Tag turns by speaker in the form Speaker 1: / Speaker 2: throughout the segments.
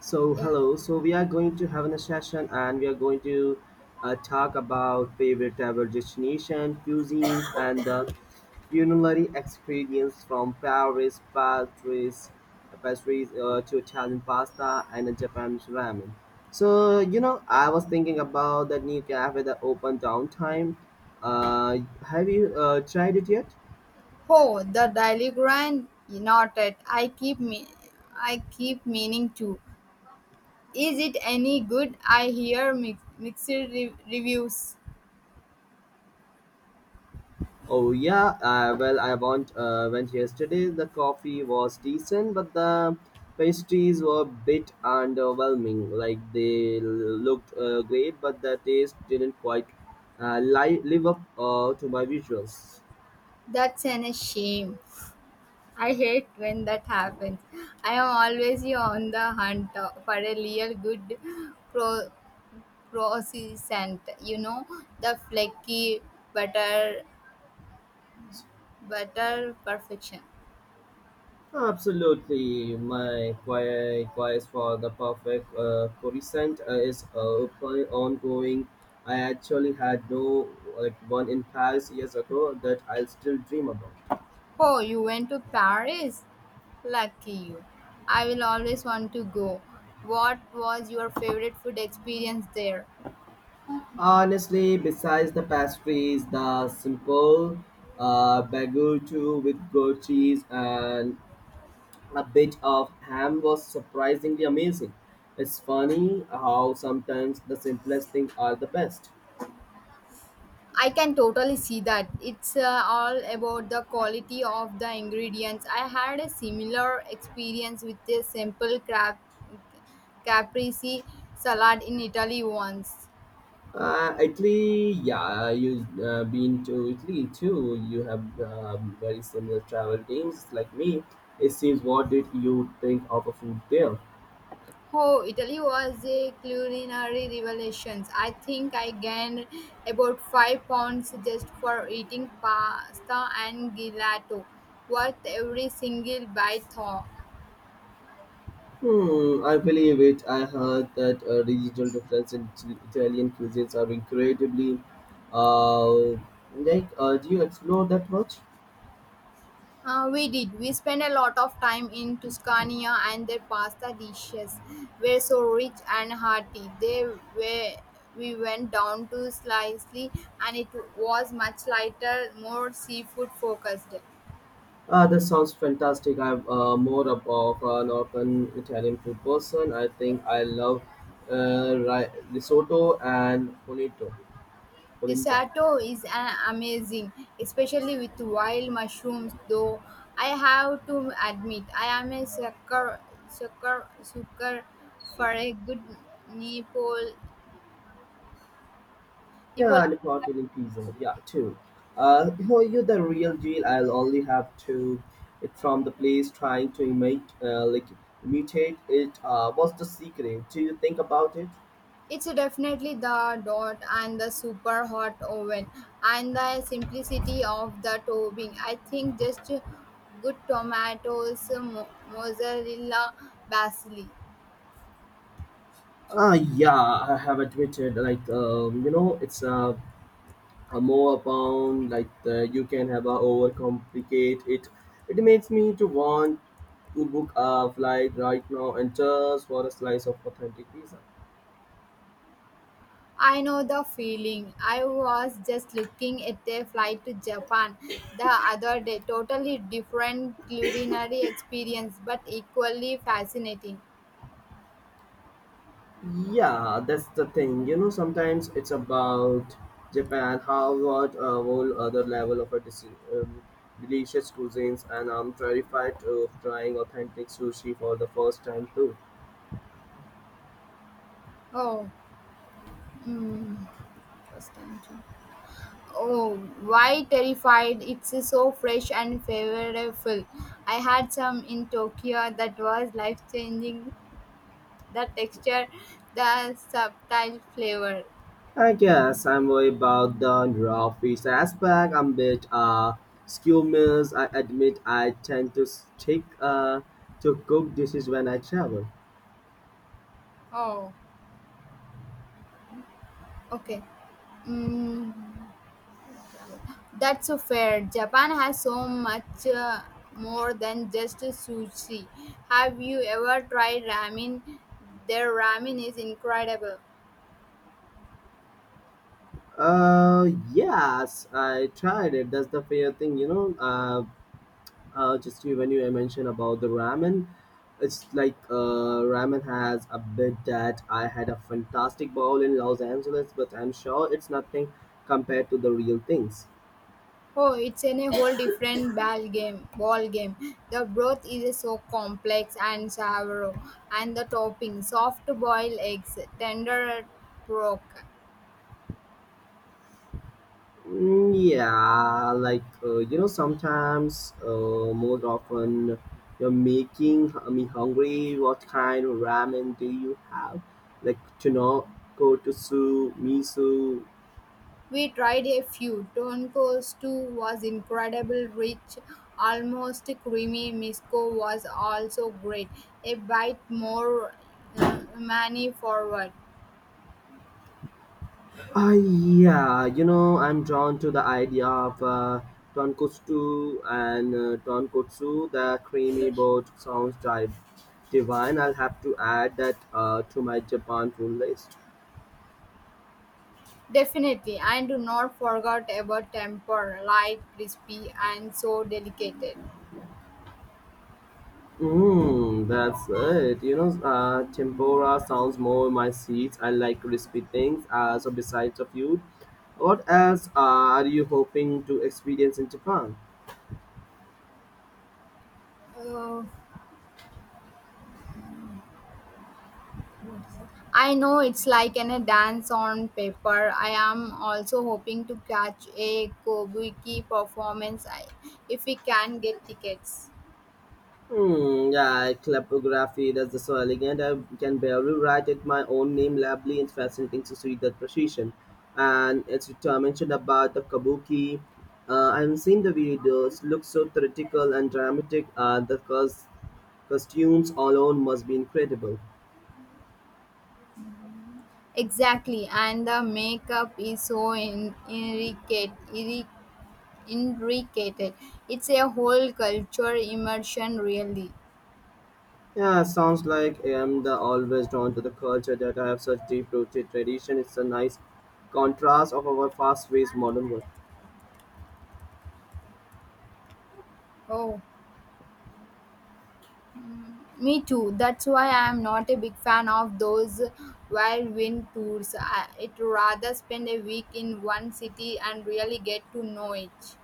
Speaker 1: So
Speaker 2: Yeah.
Speaker 1: hello. So we are going to have a session, and we are going to talk about favorite travel destination, cuisines, and the culinary experience from Paris, pastries, to Italian pasta and Japanese ramen. So I was thinking about that new cafe that opened downtown. Uh, have you tried it yet?
Speaker 2: Oh, the Daily Grind. Not it. I keep meaning to. Is it any good? I hear mixed reviews.
Speaker 1: Oh yeah, well I want went yesterday. The coffee was decent, but the pastries were a bit underwhelming. Like they looked great, but the taste didn't quite live up to my visuals.
Speaker 2: A shame. I hate when that happens. I am always on the hunt for a real good pro croissant, you know, the flaky butter butter perfection.
Speaker 1: Absolutely, my quest for the perfect croissant is ongoing. I actually had no like one in Paris years ago that I'll still dream about.
Speaker 2: Oh, you went to Paris? Lucky you. I will always want to go. What was your favorite food experience there?
Speaker 1: Honestly, besides the pastries, the simple baguette with goat cheese and a bit of ham was surprisingly amazing. It's funny how sometimes the simplest things are the best.
Speaker 2: I can totally see that. It's all about the quality of the ingredients. I had a similar experience with a simple crab caprese salad in Italy once.
Speaker 1: Italy, yeah, you been to Italy too. You have very similar travel teams like me. It seems what did you think of a food there?
Speaker 2: Oh, Italy was a culinary revelation. I think I gained about 5 pounds just for eating pasta and gelato. Worth every single bite. Thaw.
Speaker 1: Hmm, I believe it. I heard that regional difference in Italian cuisines are incredibly. Uh, do you explore that much?
Speaker 2: We did. We spent a lot of time in Tuscany, and their pasta dishes were so rich and hearty. They were. We went down to Sicily, and it was much lighter, more seafood focused.
Speaker 1: Ah, that sounds fantastic. I'm more of an open Italian food person. I think I love risotto and polenta.
Speaker 2: Risotto is an amazing, especially with wild mushrooms. Though I have to admit, I am a sucker for a good Nepal.
Speaker 1: Yeah,
Speaker 2: Nepal.
Speaker 1: and Neapolitan pizza. Yeah, too. Who are you the real deal? I'll only have to it from the place trying to imitate, imitate it. What's the secret? Do you think about it?
Speaker 2: It's definitely the dot and the super hot oven and the simplicity of the topping. I think just good tomatoes, mozzarella, basil.
Speaker 1: Yeah, I have admitted, like, you know, it's a more bound, you can have a overcomplicate it. It makes me to want to book a flight right now and just for a slice of authentic pizza.
Speaker 2: I know the feeling. I was just looking at a flight to Japan the other day. Totally different culinary experience, but equally fascinating.
Speaker 1: Yeah, that's the thing. Sometimes it's about Japan. How about a whole other level of a delicious cuisines, and I'm terrified of trying authentic sushi for the first time too.
Speaker 2: Oh, mm, first time. To- oh, why terrified? It's so fresh and flavorful. I had some in Tokyo that was life changing. The texture, the subtle flavor.
Speaker 1: I guess I'm worried about the raw fish aspect. I'm a bit skewed. I admit I tend to stick to cook dishes when I travel.
Speaker 2: Oh, okay. Mm. That's so fair. Japan has so much more than just sushi. Have you ever tried ramen? Their ramen is incredible.
Speaker 1: Yes, I tried it. That's the fair thing, when you mentioned about the ramen it's like ramen has a bit that I had a fantastic bowl in los angeles but I'm sure it's nothing compared to the real things
Speaker 2: Oh, it's in a whole different Ball game. The broth is so complex and sour, and the topping soft boiled eggs, tender pork.
Speaker 1: Mm, yeah like sometimes more often you're making me hungry what kind of ramen do you have like to know go to su miso
Speaker 2: We tried a few. Tonko stew was incredible, rich, almost creamy. Misko was also great, a bite more many forward.
Speaker 1: Yeah, I'm drawn to the idea of tonkotsu and tonkotsu. The creamy boat sounds divine. I'll have to add that to my Japan food list.
Speaker 2: Definitely, and do not forget about temper, light, crispy, and so delicate.
Speaker 1: Mm, that's it. Tempura sounds more my seeds. I like crispy things. So besides the food, what else are you hoping to experience in Japan?
Speaker 2: Uh, I know it's like a dance on paper. I am also hoping to catch a Kobuki performance if we can get tickets.
Speaker 1: Hmm, yeah, calligraphy, that's so elegant. I can barely write it my own name lovely. It's fascinating to see that precision. And it's mentioned about the kabuki. I've seen the videos, looks so theatrical and dramatic. Costumes alone must be incredible.
Speaker 2: Exactly, and the makeup is so intricate, intricate. It's a whole culture immersion, really.
Speaker 1: Yeah, sounds like I am the always drawn to the culture that I have such deep-rooted tradition. It's a nice contrast of our fast-paced modern world.
Speaker 2: Oh, mm, me too. That's why I'm not a big fan of those whirlwind tours. I'd rather spend a week in one city and really get to know it.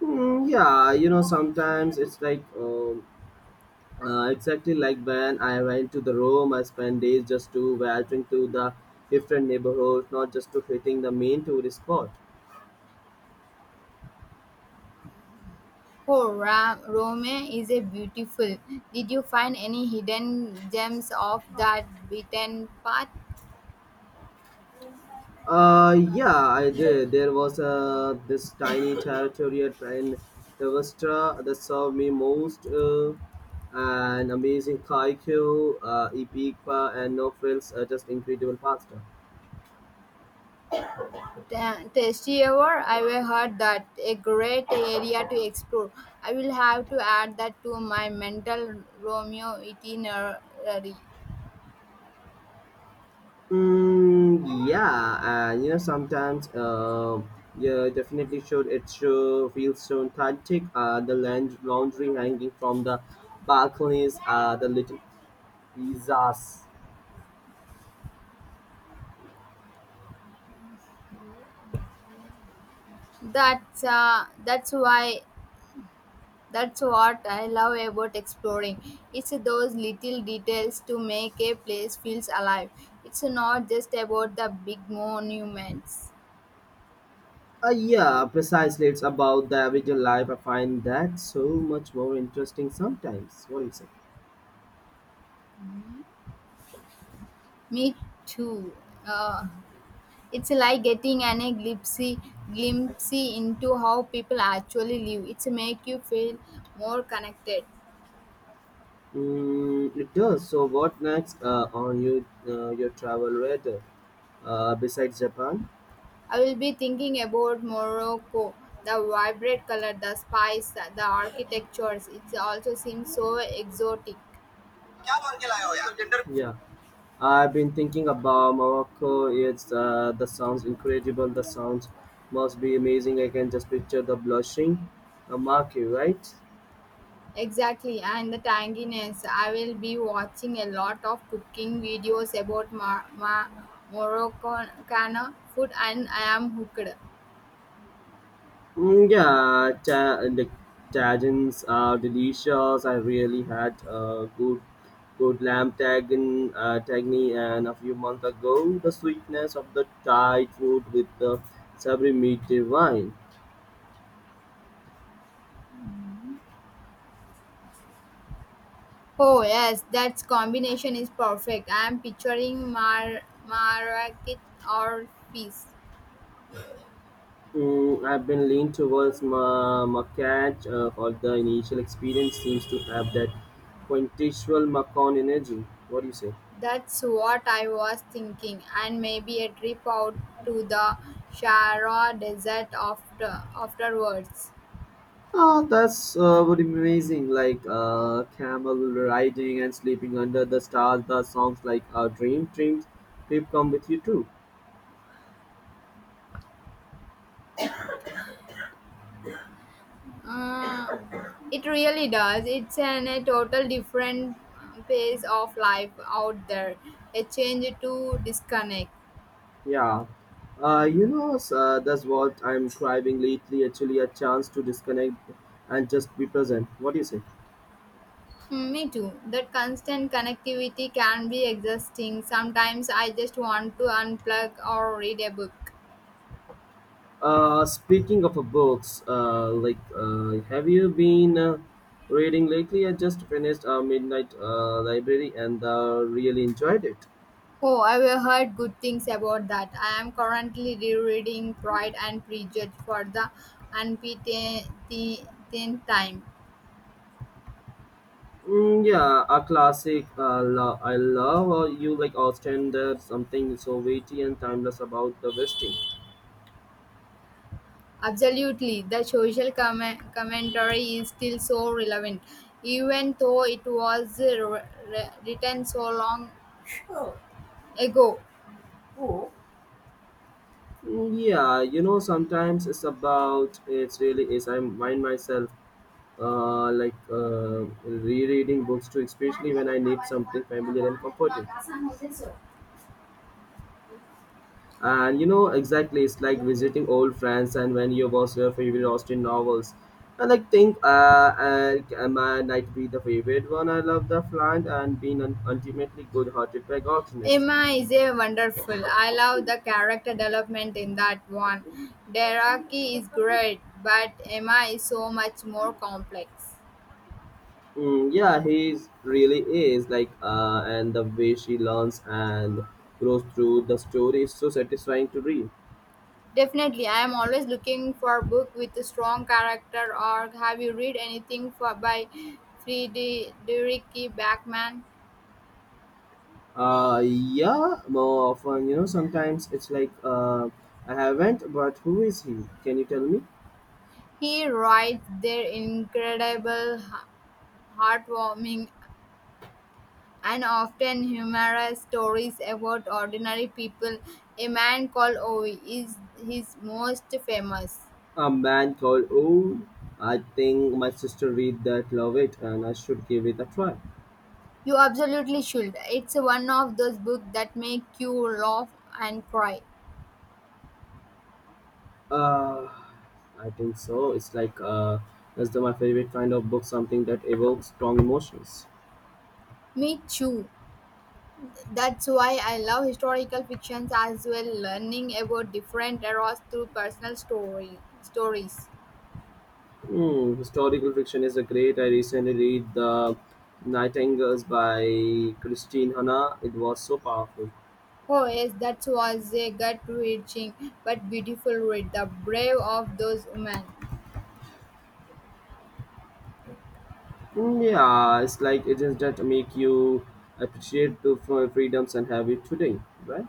Speaker 1: Mm, yeah, you know, sometimes it's like. Exactly like when I went to the Rome, I spent days just to wandering through the different neighborhoods, not just to hitting the main tourist spot.
Speaker 2: Oh, Rome is a beautiful. Did you find any hidden gems of that beaten path?
Speaker 1: Yeah, I did. There was this tiny territory in Devastra that served me most. An amazing kaiku, ipipa, and no frills, just incredible pasta.
Speaker 2: Tasty ever, I've heard that a great area to explore. I will have to add that to my mental Romeo itinerary.
Speaker 1: Mm, yeah, and you know sometimes yeah, definitely should it sure feels so authentic. The land laundry hanging from the balconies. The little pizzas.
Speaker 2: That's why that's what I love about exploring. It's those little details to make a place feels alive. It's not just about the big monuments.
Speaker 1: Yeah, precisely. It's about the everyday life. I find that so much more interesting sometimes. What do you say?
Speaker 2: Me too. Uh, It's like getting an a glimpse into how people actually live. It's make you feel more connected.
Speaker 1: Mm, it does. So what next on your travel radar besides Japan?
Speaker 2: I will be thinking about Morocco, the vibrant color, the spice, the architectures. It also seems so exotic.
Speaker 1: क्या बोल के लाए हो यार? Gender- Yeah. I've been thinking about Morocco. It's the sounds incredible. The sounds must be amazing. I can just picture the blushing marquee, right?
Speaker 2: Exactly, and the tanginess. I will be watching a lot of cooking videos about Moroccan food, and I am hooked.
Speaker 1: Mm, yeah, the tagines are delicious. I really had a good lamb tagin tagni and a few months ago the sweetness of the Thai food with the savory meat divine.
Speaker 2: Oh yes, that combination is perfect. I am picturing mar marrakech or peace.
Speaker 1: I've been leaned towards Macach, although the initial experience seems to have that quintessential Macon energy. What do you say?
Speaker 2: That's what I was thinking, and maybe a trip out to the Shara Desert afterwards.
Speaker 1: Oh, that's would be amazing. Like camel riding and sleeping under the stars. The songs like "Dream Dreams" keep come with you too.
Speaker 2: Uh, it really does. It's a total different pace of life out there. A change to disconnect.
Speaker 1: Yeah, that's what I'm craving lately. Actually, a chance to disconnect and just be present. What do you say?
Speaker 2: Mm, me too. That constant connectivity can be exhausting. Sometimes I just want to unplug or read a book.
Speaker 1: Speaking of books, have you been reading lately? I just finished Midnight Library and really enjoyed it.
Speaker 2: Oh, I have heard good things about that. I am currently rereading Pride and Prejudice for the unbeaten time.
Speaker 1: Mm, yeah, a classic. I love you like Austin. There's something so weighty and timeless about the Westing.
Speaker 2: Absolutely, the social commentary is still so relevant, even though it was re- written so long ago.
Speaker 1: Mm, yeah, you know, sometimes it's about it's really is. I mind myself rereading books too, especially when I need something familiar and comforting. And exactly, it's like visiting old friends and when you was your favorite Austen novels. And I think mine might be the favorite one. I love the Flan and being an ultimately good-hearted percussionist.
Speaker 2: Emma is a wonderful. I love the character development in that one. Deraki is great, but Emma is so much more complex.
Speaker 1: Mm, yeah, he really is and the way she learns and grows through the story is so satisfying to read.
Speaker 2: Definitely, I am always looking for a book with a strong character. Or have you read anything for by Friedrich Backman?
Speaker 1: Yeah, more often, you know, sometimes it's like, I haven't, but who is he? Can you tell me?
Speaker 2: He writes their incredible, heartwarming and often humorous stories about ordinary people. A man called Ovi is his most famous.
Speaker 1: A man called Oh, I think my sister read that love it and I should give it a try.
Speaker 2: You absolutely should. It's one of those books that make you laugh and cry.
Speaker 1: Uh, I think so. It's like that's the, my favorite kind of book, something that evokes strong emotions.
Speaker 2: Me too. That's why I love historical fictions as well, learning about different eras through personal story stories.
Speaker 1: Hmm, historical fiction is a great. I recently read The Nightingales by Christine Hanna. It was so powerful.
Speaker 2: Oh yes, that was a gut-wrenching but beautiful read. The brave of those women.
Speaker 1: Mm, yeah, it's like it is that make you appreciate the freedoms and have it today, right?